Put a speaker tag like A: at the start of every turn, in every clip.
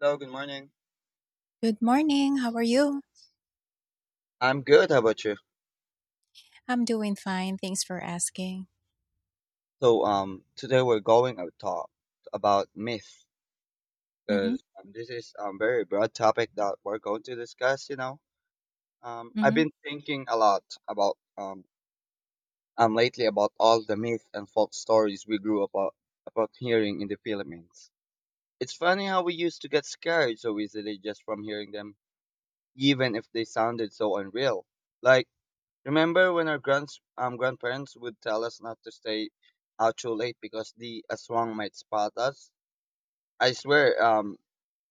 A: Hello, good morning.
B: Good morning. How are you?
A: I'm good. How about you?
B: I'm doing fine. Thanks for asking.
A: So today we're going to talk about myth
B: Mhm.
A: because this is a very broad topic that we're going to discuss. I've
B: Mhm.
A: been thinking a lot about lately about all the myth and folk stories we grew up about hearing in the Philippines. It's funny how we used to get scared so easily just from hearing them, even if they sounded so unreal. Like, remember when our grandparents would tell us not to stay out too late because the aswang might spot us? I swear,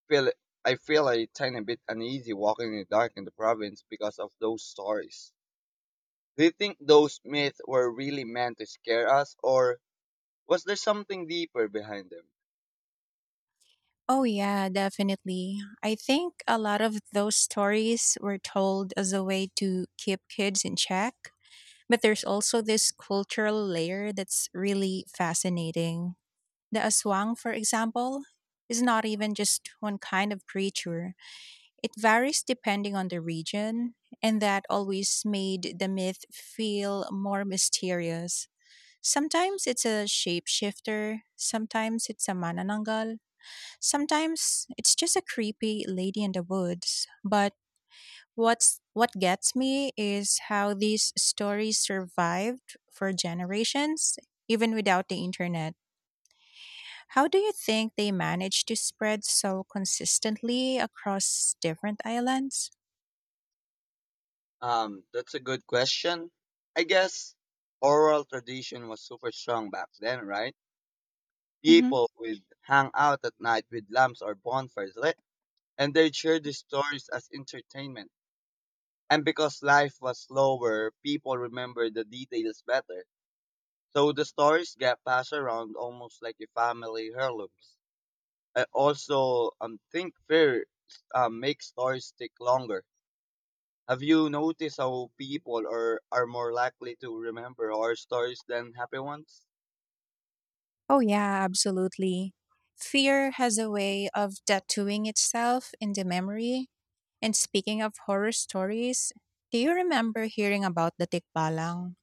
A: feel I feel a tiny bit uneasy walking in the dark in the province because of those stories. Do you think those myths were really meant to scare us, or was there something deeper behind them?
B: Oh yeah, definitely. I think a lot of those stories were told as a way to keep kids in check, but there's also this cultural layer that's really fascinating. The aswang, for example, is not even just one kind of creature. It varies depending on the region, and that always made the myth feel more mysterious. Sometimes it's a shapeshifter, sometimes it's a manananggal, sometimes it's just a creepy lady in the woods. But what gets me is how these stories survived for generations even without the internet. How do you think they managed to spread so consistently across different islands?
A: That's a good question. I guess oral tradition was super strong back then, right? People would hang out at night with lamps or bonfires lit and they share these stories as entertainment. And because life was slower, people remember the details better. So the stories get passed around almost like a family heirlooms. I also think fear makes stories stick longer. Have you noticed how people are more likely to remember horror stories than happy ones?
B: Oh, yeah, absolutely. Fear has a way of tattooing itself in the memory. And speaking of horror stories, do you remember hearing about the Tikbalang?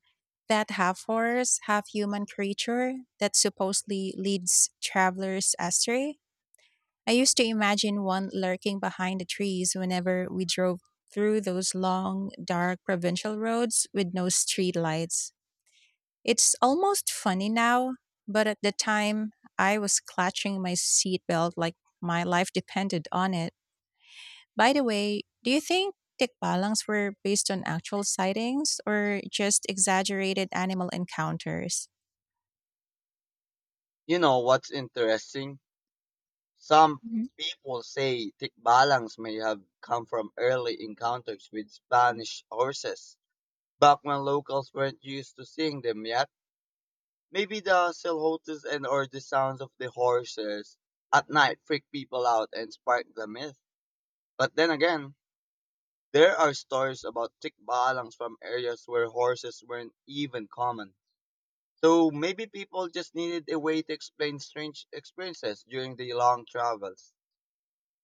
B: That half horse, half human creature that supposedly leads travelers astray? I used to imagine one lurking behind the trees whenever we drove through those long, dark provincial roads with no streetlights. It's almost funny now, but at the time I was clutching my seatbelt like my life depended on it. By the way, do you think tikbalangs were based on actual sightings or just exaggerated animal encounters?
A: You know what's interesting? Some
B: Mhm.
A: people say thick balance may have come from early encounters with Spanish horses back when locals weren't used to seeing them yet. Maybe the silhouettes and or the sounds of the horses at night freak people out and spark the myth. But then again, there are stories about tikbalang from areas where horses weren't even common. So maybe people just needed a way to explain strange experiences during the long travels.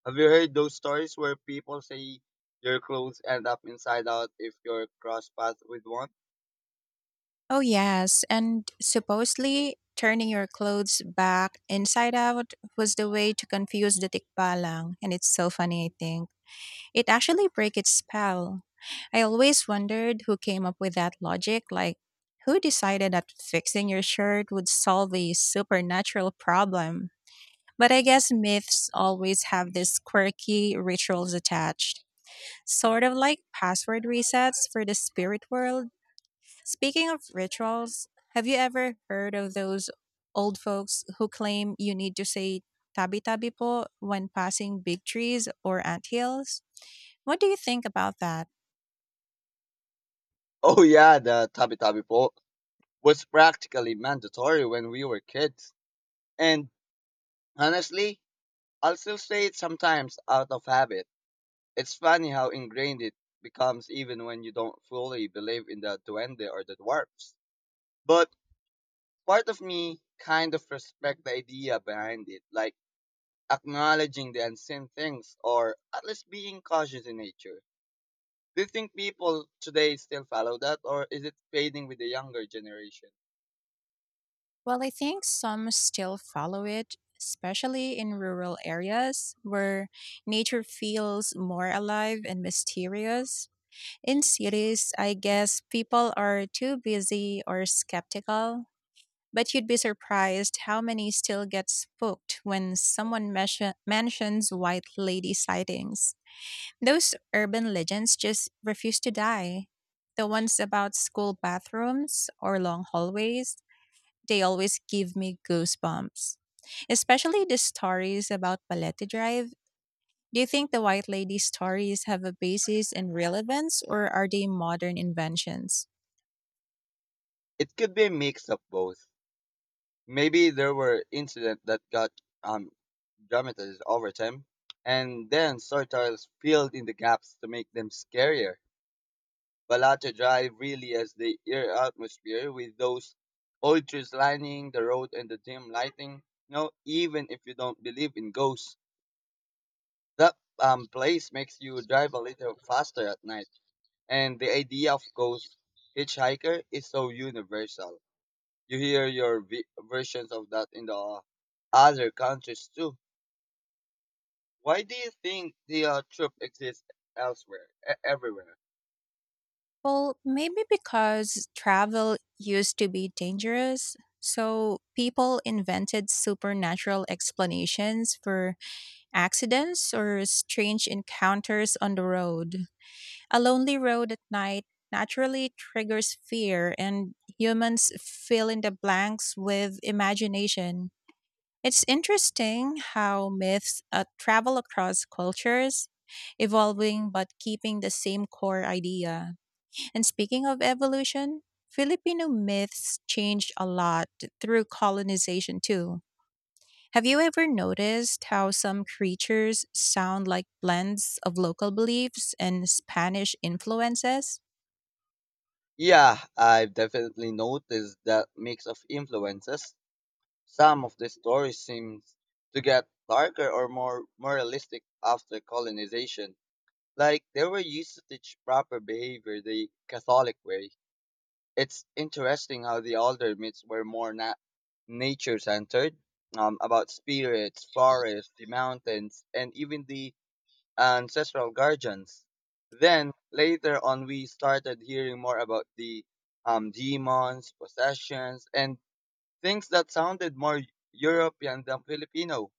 A: Have you heard those stories where people say your clothes end up inside out if you cross paths with one?
B: Oh, yes. And supposedly, turning your clothes back inside out was the way to confuse the tikbalang. And it's so funny, I think. It actually broke its spell. I always wondered who came up with that logic, like who decided that fixing your shirt would solve a supernatural problem. But I guess myths always have these quirky rituals attached, sort of like password resets for the spirit world. Speaking of rituals, have you ever heard of those old folks who claim you need to say tabi tabi po when passing big trees or anthills? What do you think about that?
A: Oh yeah, the tabi tabi po was practically mandatory when we were kids. And honestly, I'll still say it sometimes out of habit. It's funny how ingrained it becomes even when you don't fully believe in the duende or the dwarfs. But part of me kind of respect the idea behind it, like acknowledging the unseen things or at least being cautious in nature. Do you think people today still follow that or is it fading with the younger generation?
B: Well, I think some still follow it, especially in rural areas where nature feels more alive and mysterious. In cities, I guess people are too busy or skeptical, but you'd be surprised how many still get spooked when someone mentions white lady sightings. Those urban legends just refuse to die. The ones about school bathrooms or long hallways they always give me goosebumps. Especially the stories about Palete Drive. Do you think the White Lady stories have a basis in relevance or are they modern inventions?
A: It could be a mix of both. Maybe there were incidents that got um, dramatized over time, and then storytellers filled in the gaps to make them scarier. Balata Drive really has the eerie atmosphere with those old trees lining the road and the dim lighting. You know, even if you don't believe in ghosts, that place makes you drive a little faster at night. And the idea of ghost hitchhiker is so universal. You hear your versions of that in the other countries too. Why do you think the trope exists everywhere?
B: Well, maybe because travel used to be dangerous, so people invented supernatural explanations for accidents or strange encounters on the road. A lonely road at night naturally triggers fear, and humans fill in the blanks with imagination. It's interesting how myths travel across cultures, evolving but keeping the same core idea. And speaking of evolution, Filipino myths changed a lot through colonization too. Have you ever noticed how some creatures sound like blends of local beliefs and Spanish influences?
A: Yeah, I've definitely noticed that mix of influences. Some of the stories seem to get darker or more moralistic after colonization, like they were used to teach proper behavior the Catholic way. It's interesting how the older myths were more nature centered, about spirits, forests, the mountains, and even the ancestral guardians. Then later on, we started hearing more about the demons, possessions, and things that sounded more European than Filipino.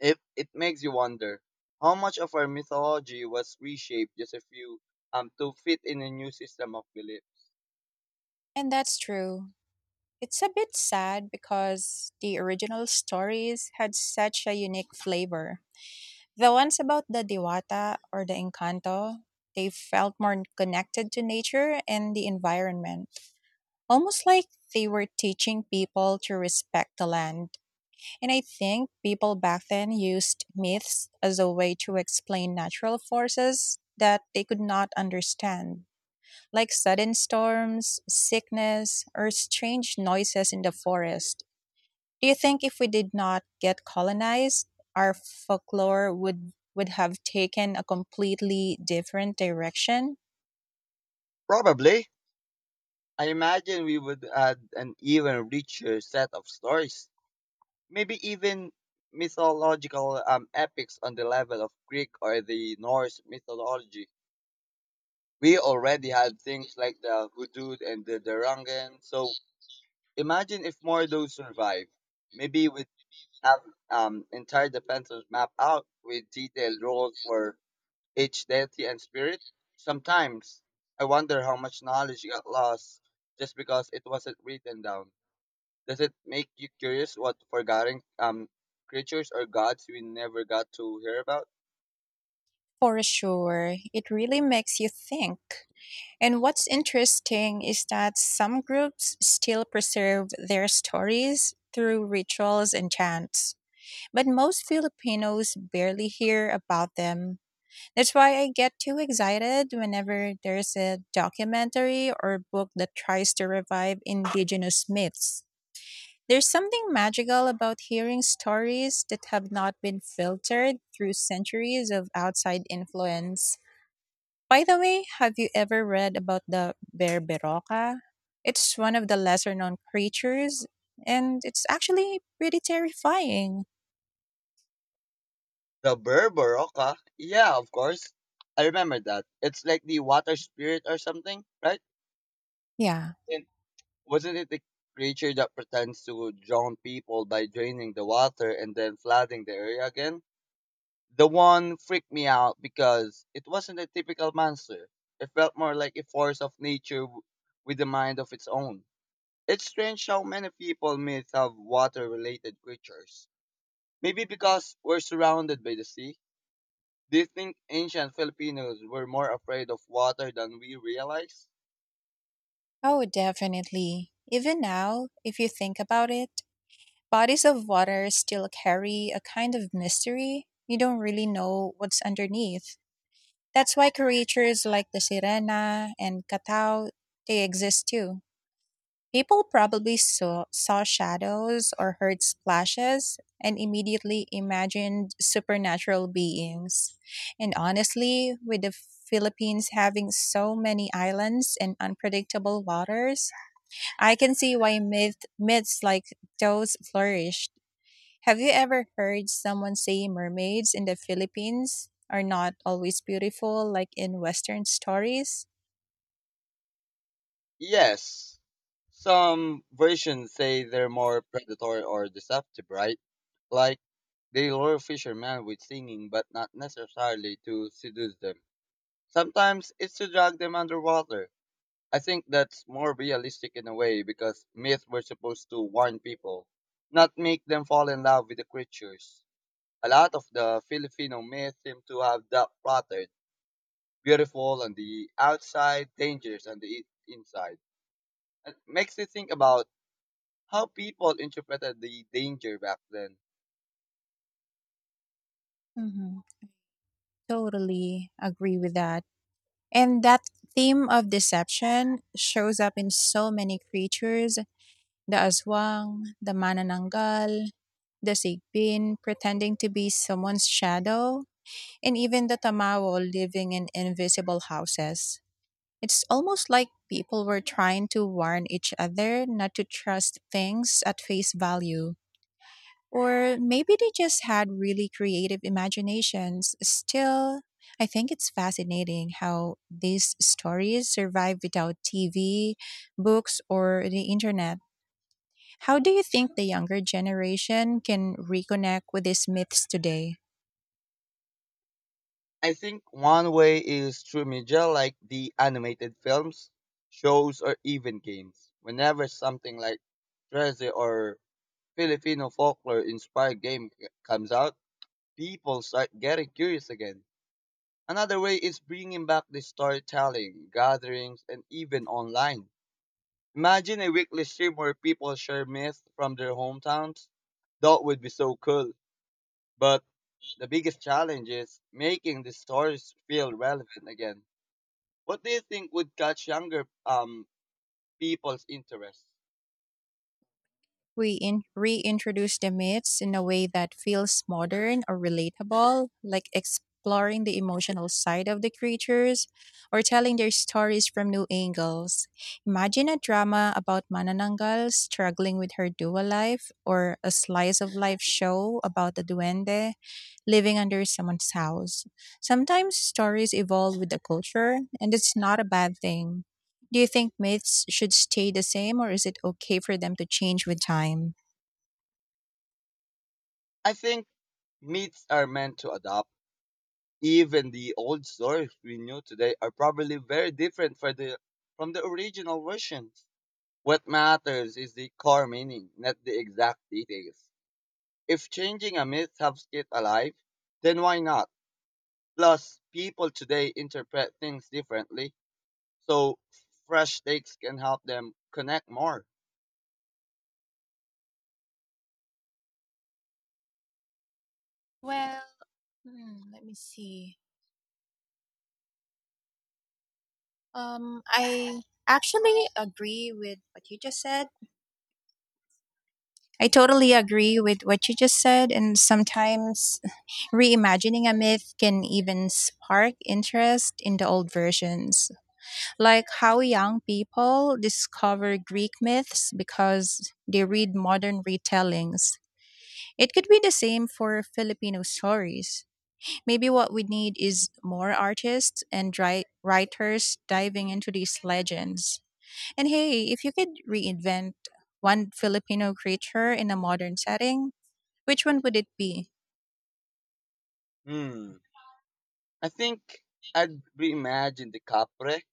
A: If it makes you wonder how much of our mythology was reshaped just a few to fit in a new system of belief.
B: And that's true. It's a bit sad because the original stories had such a unique flavor. The ones about the Diwata or the Encanto, they felt more connected to nature and the environment, almost like they were teaching people to respect the land. And I think people back then used myths as a way to explain natural forces that they could not understand, like sudden storms, sickness, or strange noises in the forest. Do you think if we did not get colonized, our folklore would have taken a completely different direction?
A: Probably I imagine we would add an even richer set of stories, maybe even mythological epics on the level of Greek or the Norse mythology. We already had things like the Hudud and the Darangan, so imagine if more of those survive. Maybe we have entire defenses map out with detailed roles for each deity and spirit. Sometimes I wonder how much knowledge got lost just because it wasn't written down. Does it make you curious what forgotten creatures or gods we never got to hear about?
B: For sure, it really makes you think. And what's interesting is that some groups still preserve their stories through rituals and chants, but most Filipinos barely hear about them. That's why I get too excited whenever there's a documentary or book that tries to revive indigenous myths. There's something magical about hearing stories that have not been filtered through centuries of outside influence. By the way, have you ever read about the Berberoca? It's one of the lesser known creatures, and it's actually pretty terrifying.
A: The Berberoka? Yeah, of course. I remember that. It's like the water spirit or something, right?
B: Yeah.
A: And wasn't it the creature that pretends to drown people by draining the water and then flooding the area again? The one freaked me out because it wasn't a typical monster. It felt more like a force of nature with a mind of its own. It's strange how many people myths have water related creatures. Maybe because we're surrounded by the sea. Do you think ancient Filipinos were more afraid of water than we realize?
B: Oh, definitely. Even now, if you think about it, bodies of water still carry a kind of mystery. You don't really know what's underneath. That's why creatures like the sirena and catao, they exist too. People probably saw shadows or heard splashes and immediately imagined supernatural beings. And honestly, with the Philippines having so many islands and unpredictable waters, I can see why myths like those flourished. Have you ever heard someone say mermaids in the Philippines are not always beautiful like in Western stories?
A: Yes. Some versions say they're more predatory or deceptive, right? Like they lure fishermen with singing, but not necessarily to seduce them. Sometimes it's to drag them underwater. I think that's more realistic in a way because myths were supposed to warn people, not make them fall in love with the creatures. A lot of the Filipino myths seem to have that pattern beautiful on the outside, dangerous on the inside. It makes you think about how people interpreted the danger back then.
B: Hmm. Totally agree with that. And that theme of deception shows up in so many creatures the aswang, the manananggal, the sigbin pretending to be someone's shadow, and even the tamawal living in invisible houses. It's almost like people were trying to warn each other not to trust things at face value. Or maybe they just had really creative imaginations. Still, I think it's fascinating how these stories survive without TV, books, or the internet. How do you think the younger generation can reconnect with these myths today?
A: I think one way is through media like the animated films, shows, or even games. Whenever something like treasure or Filipino folklore inspired game comes out, people start getting curious again. Another way is bringing back the storytelling, gatherings, and even online. Imagine a weekly stream where people share myths from their hometowns. That would be so cool. But the biggest challenge is making the stories feel relevant again. What do you think would catch younger people's interest?
B: We reintroduce the myths in a way that feels modern or relatable, like exploring the emotional side of the creatures or telling their stories from new angles. Imagine a drama about Manananggal struggling with her dual life or a slice of life show about the duende living under someone's house. Sometimes stories evolve with the culture, and it's not a bad thing. Do you think myths should stay the same or is it okay for them to change with time?
A: I think myths are meant to adapt. Even the old stories we know today are probably very different from the original versions. What matters is the core meaning, not the exact details. If changing a myth helps it alive, then why not? Plus, people today interpret things differently, so fresh takes can help them connect more.
B: Well, hmm, let me see. I actually agree with what you just said. I totally agree with what you just said, and sometimes reimagining a myth can even spark interest in the old versions. Like how young people discover Greek myths because they read modern retellings. It could be the same for Filipino stories. Maybe what we need is more artists and writers diving into these legends. And hey, if you could reinvent one Filipino creature in a modern setting, which one would it be?
A: Hmm. I think I'd reimagine the Capre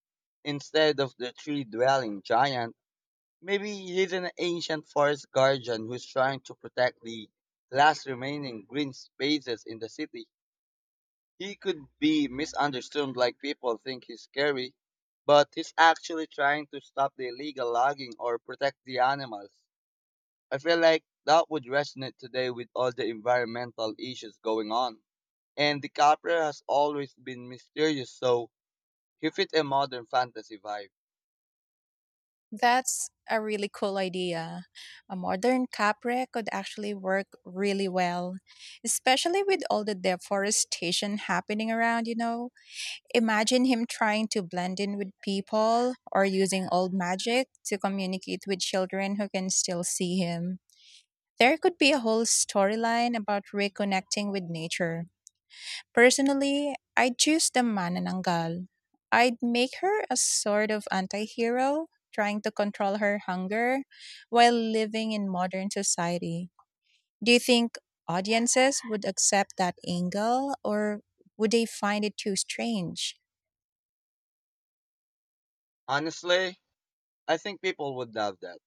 A: instead of the tree dwelling giant. Maybe he's an ancient forest guardian who's trying to protect the last remaining green spaces in the city. He could be misunderstood like people think he's scary, but he's actually trying to stop the illegal logging or protect the animals. I feel like that would resonate today with all the environmental issues going on. And DiCaprio has always been mysterious, so he fit a modern fantasy vibe.
B: That's a really cool idea. A modern capre could actually work really well, especially with all the deforestation happening around, you know. Imagine him trying to blend in with people or using old magic to communicate with children who can still see him. There could be a whole storyline about reconnecting with nature. Personally, I'd choose the Manananggal. I'd make her a sort of anti hero, trying to control her hunger while living in modern society. Do you think audiences would accept that angle or would they find it too strange?
A: Honestly, I think people would love that.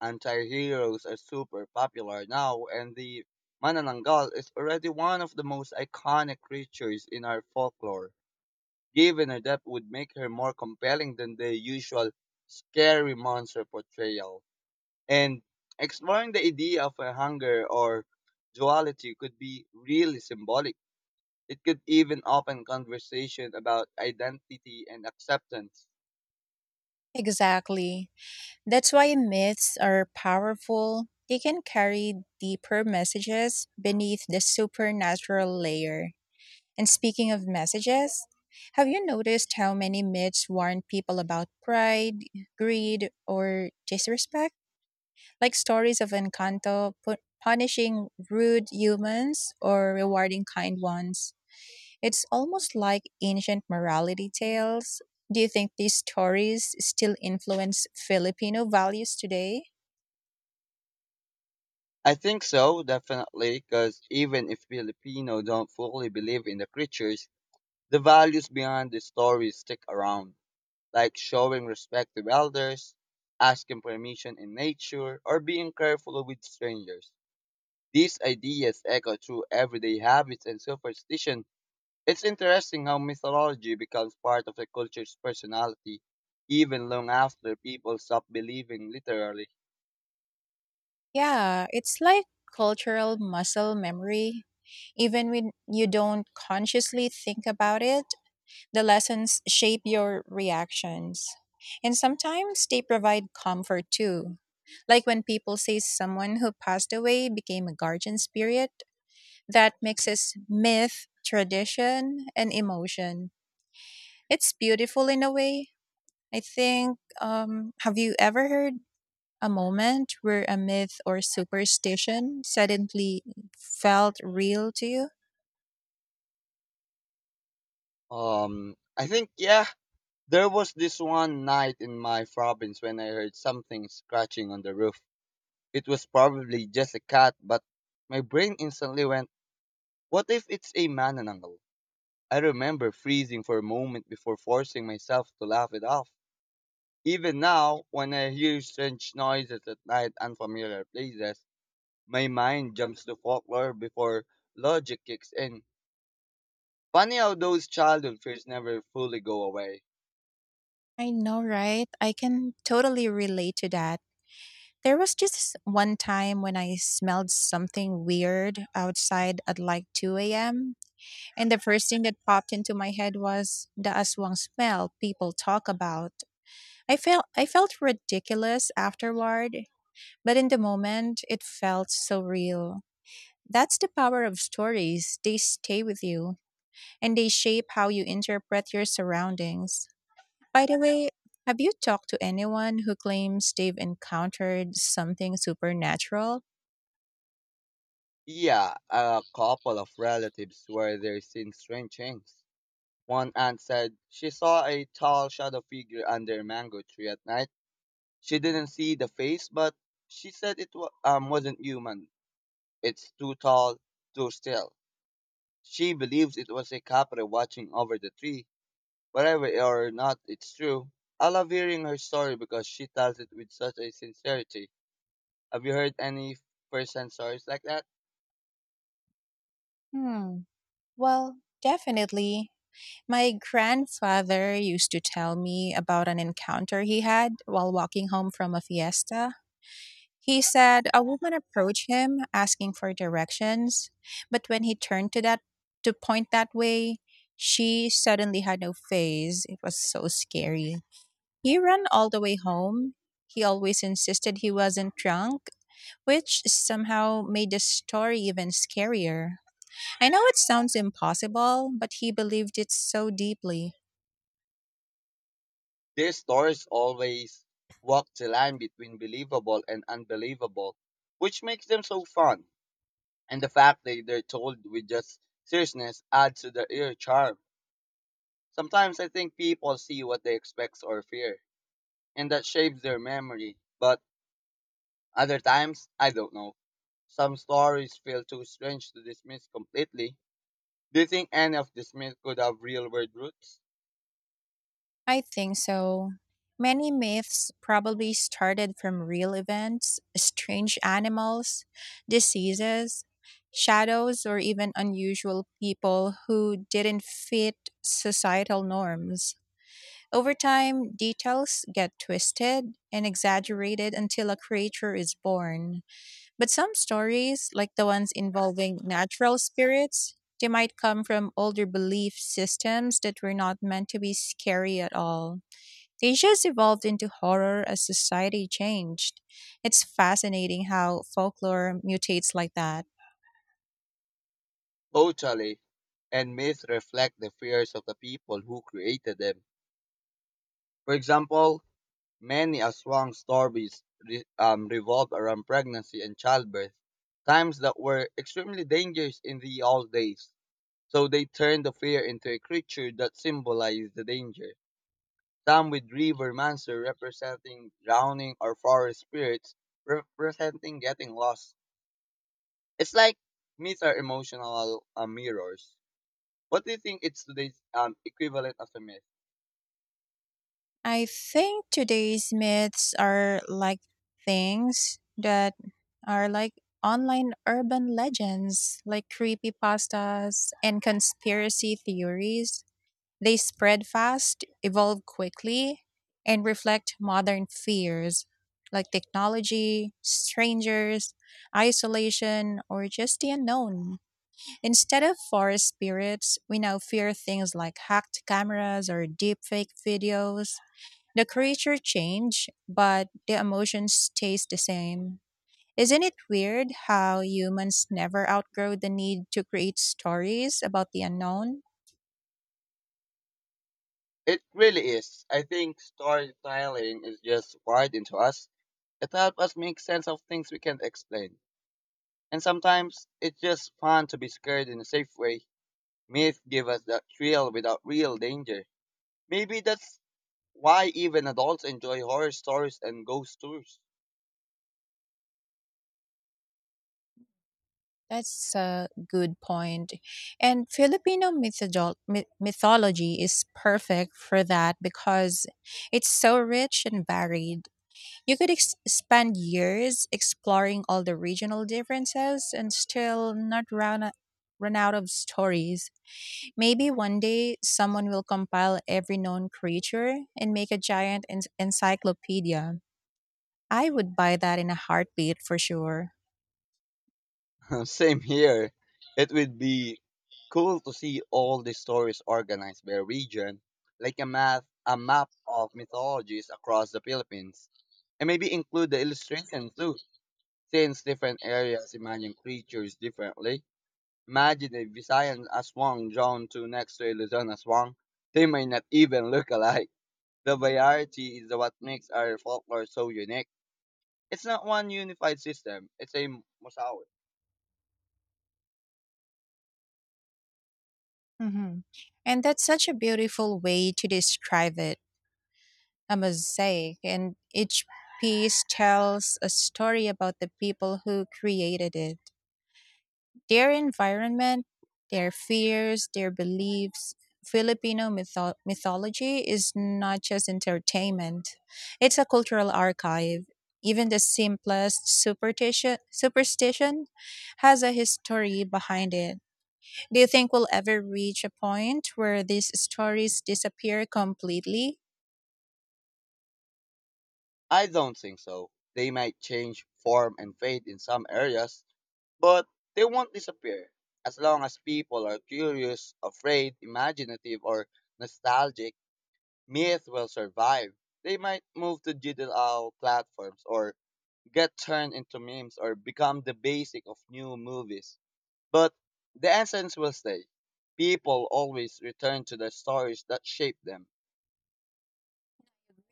A: Anti-heroes are super popular now and the Manananggal is already one of the most iconic creatures in our folklore. Given her depth would make her more compelling than the usual scary monster portrayal. And exploring the idea of a hunger or duality could be really symbolic. It could even open conversation about identity and acceptance.
B: Exactly. That's why myths are powerful. They can carry deeper messages beneath the supernatural layer. And speaking of messages, have you noticed how many myths warn people about pride, greed, or disrespect? Like stories of Encanto punishing rude humans or rewarding kind ones. It's almost like ancient morality tales. Do you think these stories still influence Filipino values today?
A: I think so, definitely, because even if Filipino don't fully believe in the creatures, the values behind the stories stick around, like showing respect to elders, asking permission in nature, or being careful with strangers. These ideas echo through everyday habits and superstition. It's interesting how mythology becomes part of the culture's personality, even long after people stop believing literally.
B: Yeah, it's like cultural muscle memory. Even when you don't consciously think about it, the lessons shape your reactions. And sometimes they provide comfort too. Like when people say someone who passed away became a guardian spirit that mixes myth, tradition, and emotion. It's beautiful in a way, I think, have you ever heard a moment where a myth or superstition suddenly felt real to you?
A: I think yeah, there was this one night in my province when I heard something scratching on the roof. It was probably just a cat, but my brain instantly went, what if it's a manananggal? I remember freezing for a moment before forcing myself to laugh it off. Even now, when I hear strange noises at night, unfamiliar places, my mind jumps to folklore before logic kicks in. Funny how those childhood fears never fully go away.
B: I know, right? I can totally relate to that. There was just one time when I smelled something weird outside at like 2 a.m. And the first thing that popped into my head was the aswang smell people talk about. I felt ridiculous afterward, but in the moment it felt so real. That's the power of stories. They stay with you and they shape how you interpret your surroundings. By the way, have you talked to anyone who claims they've encountered something supernatural?
A: Yeah, a couple of relatives were there seeing strange things. One aunt said she saw a tall shadow figure under a mango tree at night. She didn't see the face, but she said it wasn't human. It's too tall, too still. She believes it was a capra watching over the tree. Whatever or not it's true, I love hearing her story because she tells it with such a sincerity. Have you heard any first-hand stories like that?
B: Hmm. Well, definitely. My grandfather used to tell me about an encounter he had while walking home from a fiesta. He said a woman approached him asking for directions, but when he turned to point that way, she suddenly had no face. It was so scary. He ran all the way home. He always insisted he wasn't drunk, which somehow made the story even scarier. I know it sounds impossible, but he believed it so deeply.
A: Their stories always walk the line between believable and unbelievable, which makes them so fun. And the fact that they're told with just seriousness adds to their ear charm. Sometimes I think people see what they expect or fear, and that shapes their memory. But other times, I don't know. Some stories feel too strange to dismiss completely. Do you think any of the myths could have real world roots?
B: I think so. Many myths probably started from real events, strange animals, diseases, shadows, or even unusual people who didn't fit societal norms. Over time, details get twisted and exaggerated until a creature is born. But some stories, like the ones involving natural spirits, they might come from older belief systems that were not meant to be scary at all. Cliches evolved into horror as society changed. It's fascinating how folklore mutates like that.
A: Totally. And myths reflect the fears of the people who created them. For example, many Aswang stories revolve around pregnancy and childbirth, times that were extremely dangerous in the old days. So they turned the fear into a creature that symbolized the danger. Some with river monster representing drowning or forest spirits representing getting lost. It's like myths are emotional mirrors. What do you think it's today's equivalent of a myth?
B: I think today's myths are like things that are like online urban legends, like creepypastas and conspiracy theories. They spread fast, evolve quickly, and reflect modern fears like technology, strangers, isolation, or just the unknown. Instead of forest spirits, we now fear things like hacked cameras or deepfake videos. The creature change, but the emotion stays the same. Isn't it weird how humans never outgrow the need to create stories about the unknown?
A: It really is. I think storytelling is just wired into us. It helps us make sense of things we can't explain. And sometimes it's just fun to be scared in a safe way. Myths give us that thrill without real danger. Maybe that's why even adults enjoy horror stories and ghost tours.
B: That's a good point. And Filipino mythology is perfect for that because it's so rich and varied. You could spend years exploring all the regional differences and still not run, run out of stories. Maybe one day someone will compile every known creature and make a giant encyclopedia. I would buy that in a heartbeat for sure.
A: Same here. It would be cool to see all the stories organized by region, like a map of mythologies across the Philippines. And maybe include the illustrations too, since different areas imagine creatures differently. Imagine a Visayan aswang drawn to next to a Luzon aswang. They may not even look alike. The variety is what makes our folklore so unique. It's not one unified system, it's a mosaic.
B: Mhm. And that's such a beautiful way to describe it a mosaic, and each piece tells a story about the people who created it. Their environment, their fears, their beliefs. Filipino mythology is not just entertainment, it's a cultural archive. Even the simplest superstition has a history behind it. Do you think we'll ever reach a point where these stories disappear completely?
A: I don't think so. They might change form and fade in some areas, but they won't disappear as long as people are curious, afraid, imaginative, or nostalgic. Myth will survive. They might move to digital platforms or get turned into memes or become the basic of new movies. But the essence will stay. People always return to the stories that shape them.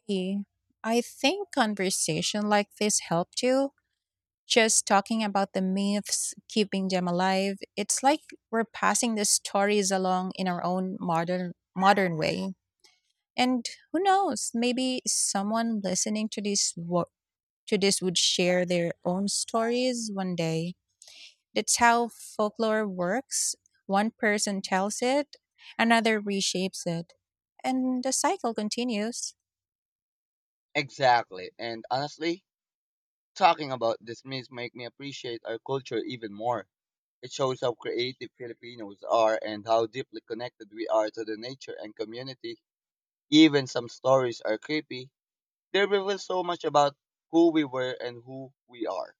B: Yeah. I think conversation like this helped you just talking about the myths, keeping them alive, it's like we're passing the stories along in our own modern way. And who knows, maybe someone listening to to this would share their own stories one day. That's how folklore works. One person tells it, another reshapes it, and the cycle continues.
A: Exactly. And honestly, talking about this means make me appreciate our culture even more. It shows how creative Filipinos are and how deeply connected we are to the nature and community. Even some stories are creepy. They reveal so much about who we were and who we are.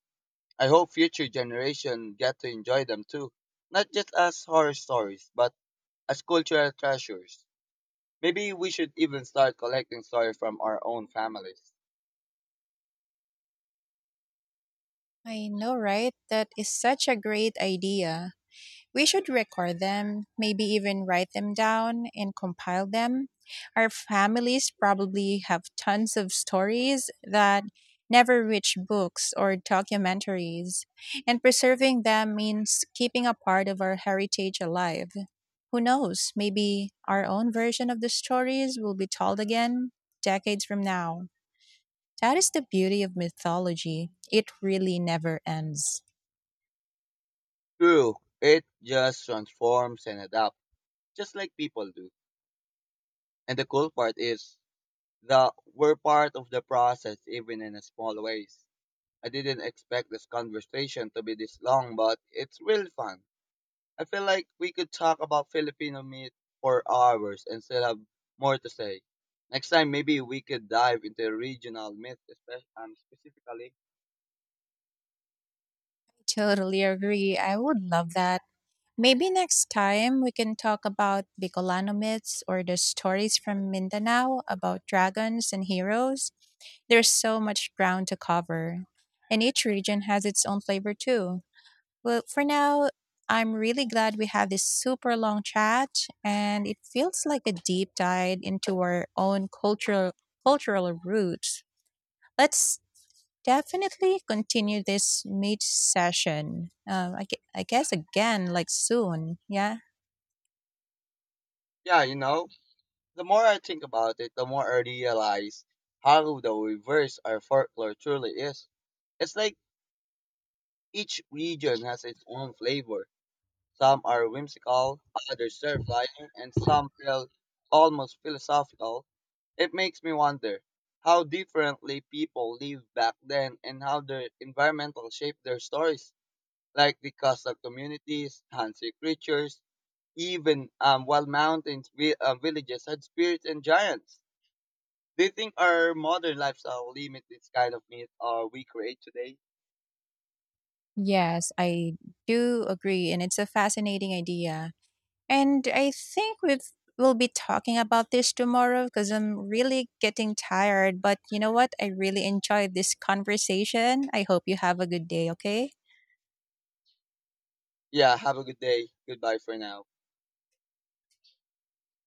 A: I hope future generations get to enjoy them too, not just as horror stories, but as cultural treasures. Maybe we should even start collecting stories from our own families.
B: I know, right? That is such a great idea. We should record them, maybe even write them down and compile them. Our families probably have tons of stories that never reach books or documentaries, and preserving them means keeping a part of our heritage alive. Who knows, maybe our own version of the stories will be told again decades from now. That is the beauty of mythology. It really never ends.
A: True, it just transforms and adapts, just like people do. And the cool part is that we're part of the process, even in a small ways. I didn't expect this conversation to be this long, but it's really fun. I feel like we could talk about Filipino meat for hours and still have more to say. Next time, maybe we could dive into regional meat, specifically.
B: Totally agree. I would love that. Maybe next time we can talk about Bicolano myths or the stories from Mindanao about dragons and heroes. There's so much ground to cover, and each region has its own flavor too. Well, for now, I'm really glad we had this super long chat, and it feels like a deep dive into our own cultural roots. Let's definitely continue this meet session. I guess again, like soon. Yeah.
A: Yeah, the more I think about it, the more I realize how the reverse our folklore truly is. It's like each region has its own flavor. Some are whimsical, others terrifying, and some feel almost philosophical. It makes me wonder how differently people lived back then and how their environmental shaped their stories, like the Kazakh communities, Hansi creatures, even wild mountains, villages had spirits and giants. Do you think our modern lifestyle limit this kind of myth or we create today?
B: Yes, I do agree, and it's a fascinating idea. And I think we'll be talking about this tomorrow because I'm really getting tired. But you know what? I really enjoyed this conversation. I hope you have a good day. Okay.
A: Yeah, have a good day. Goodbye for now.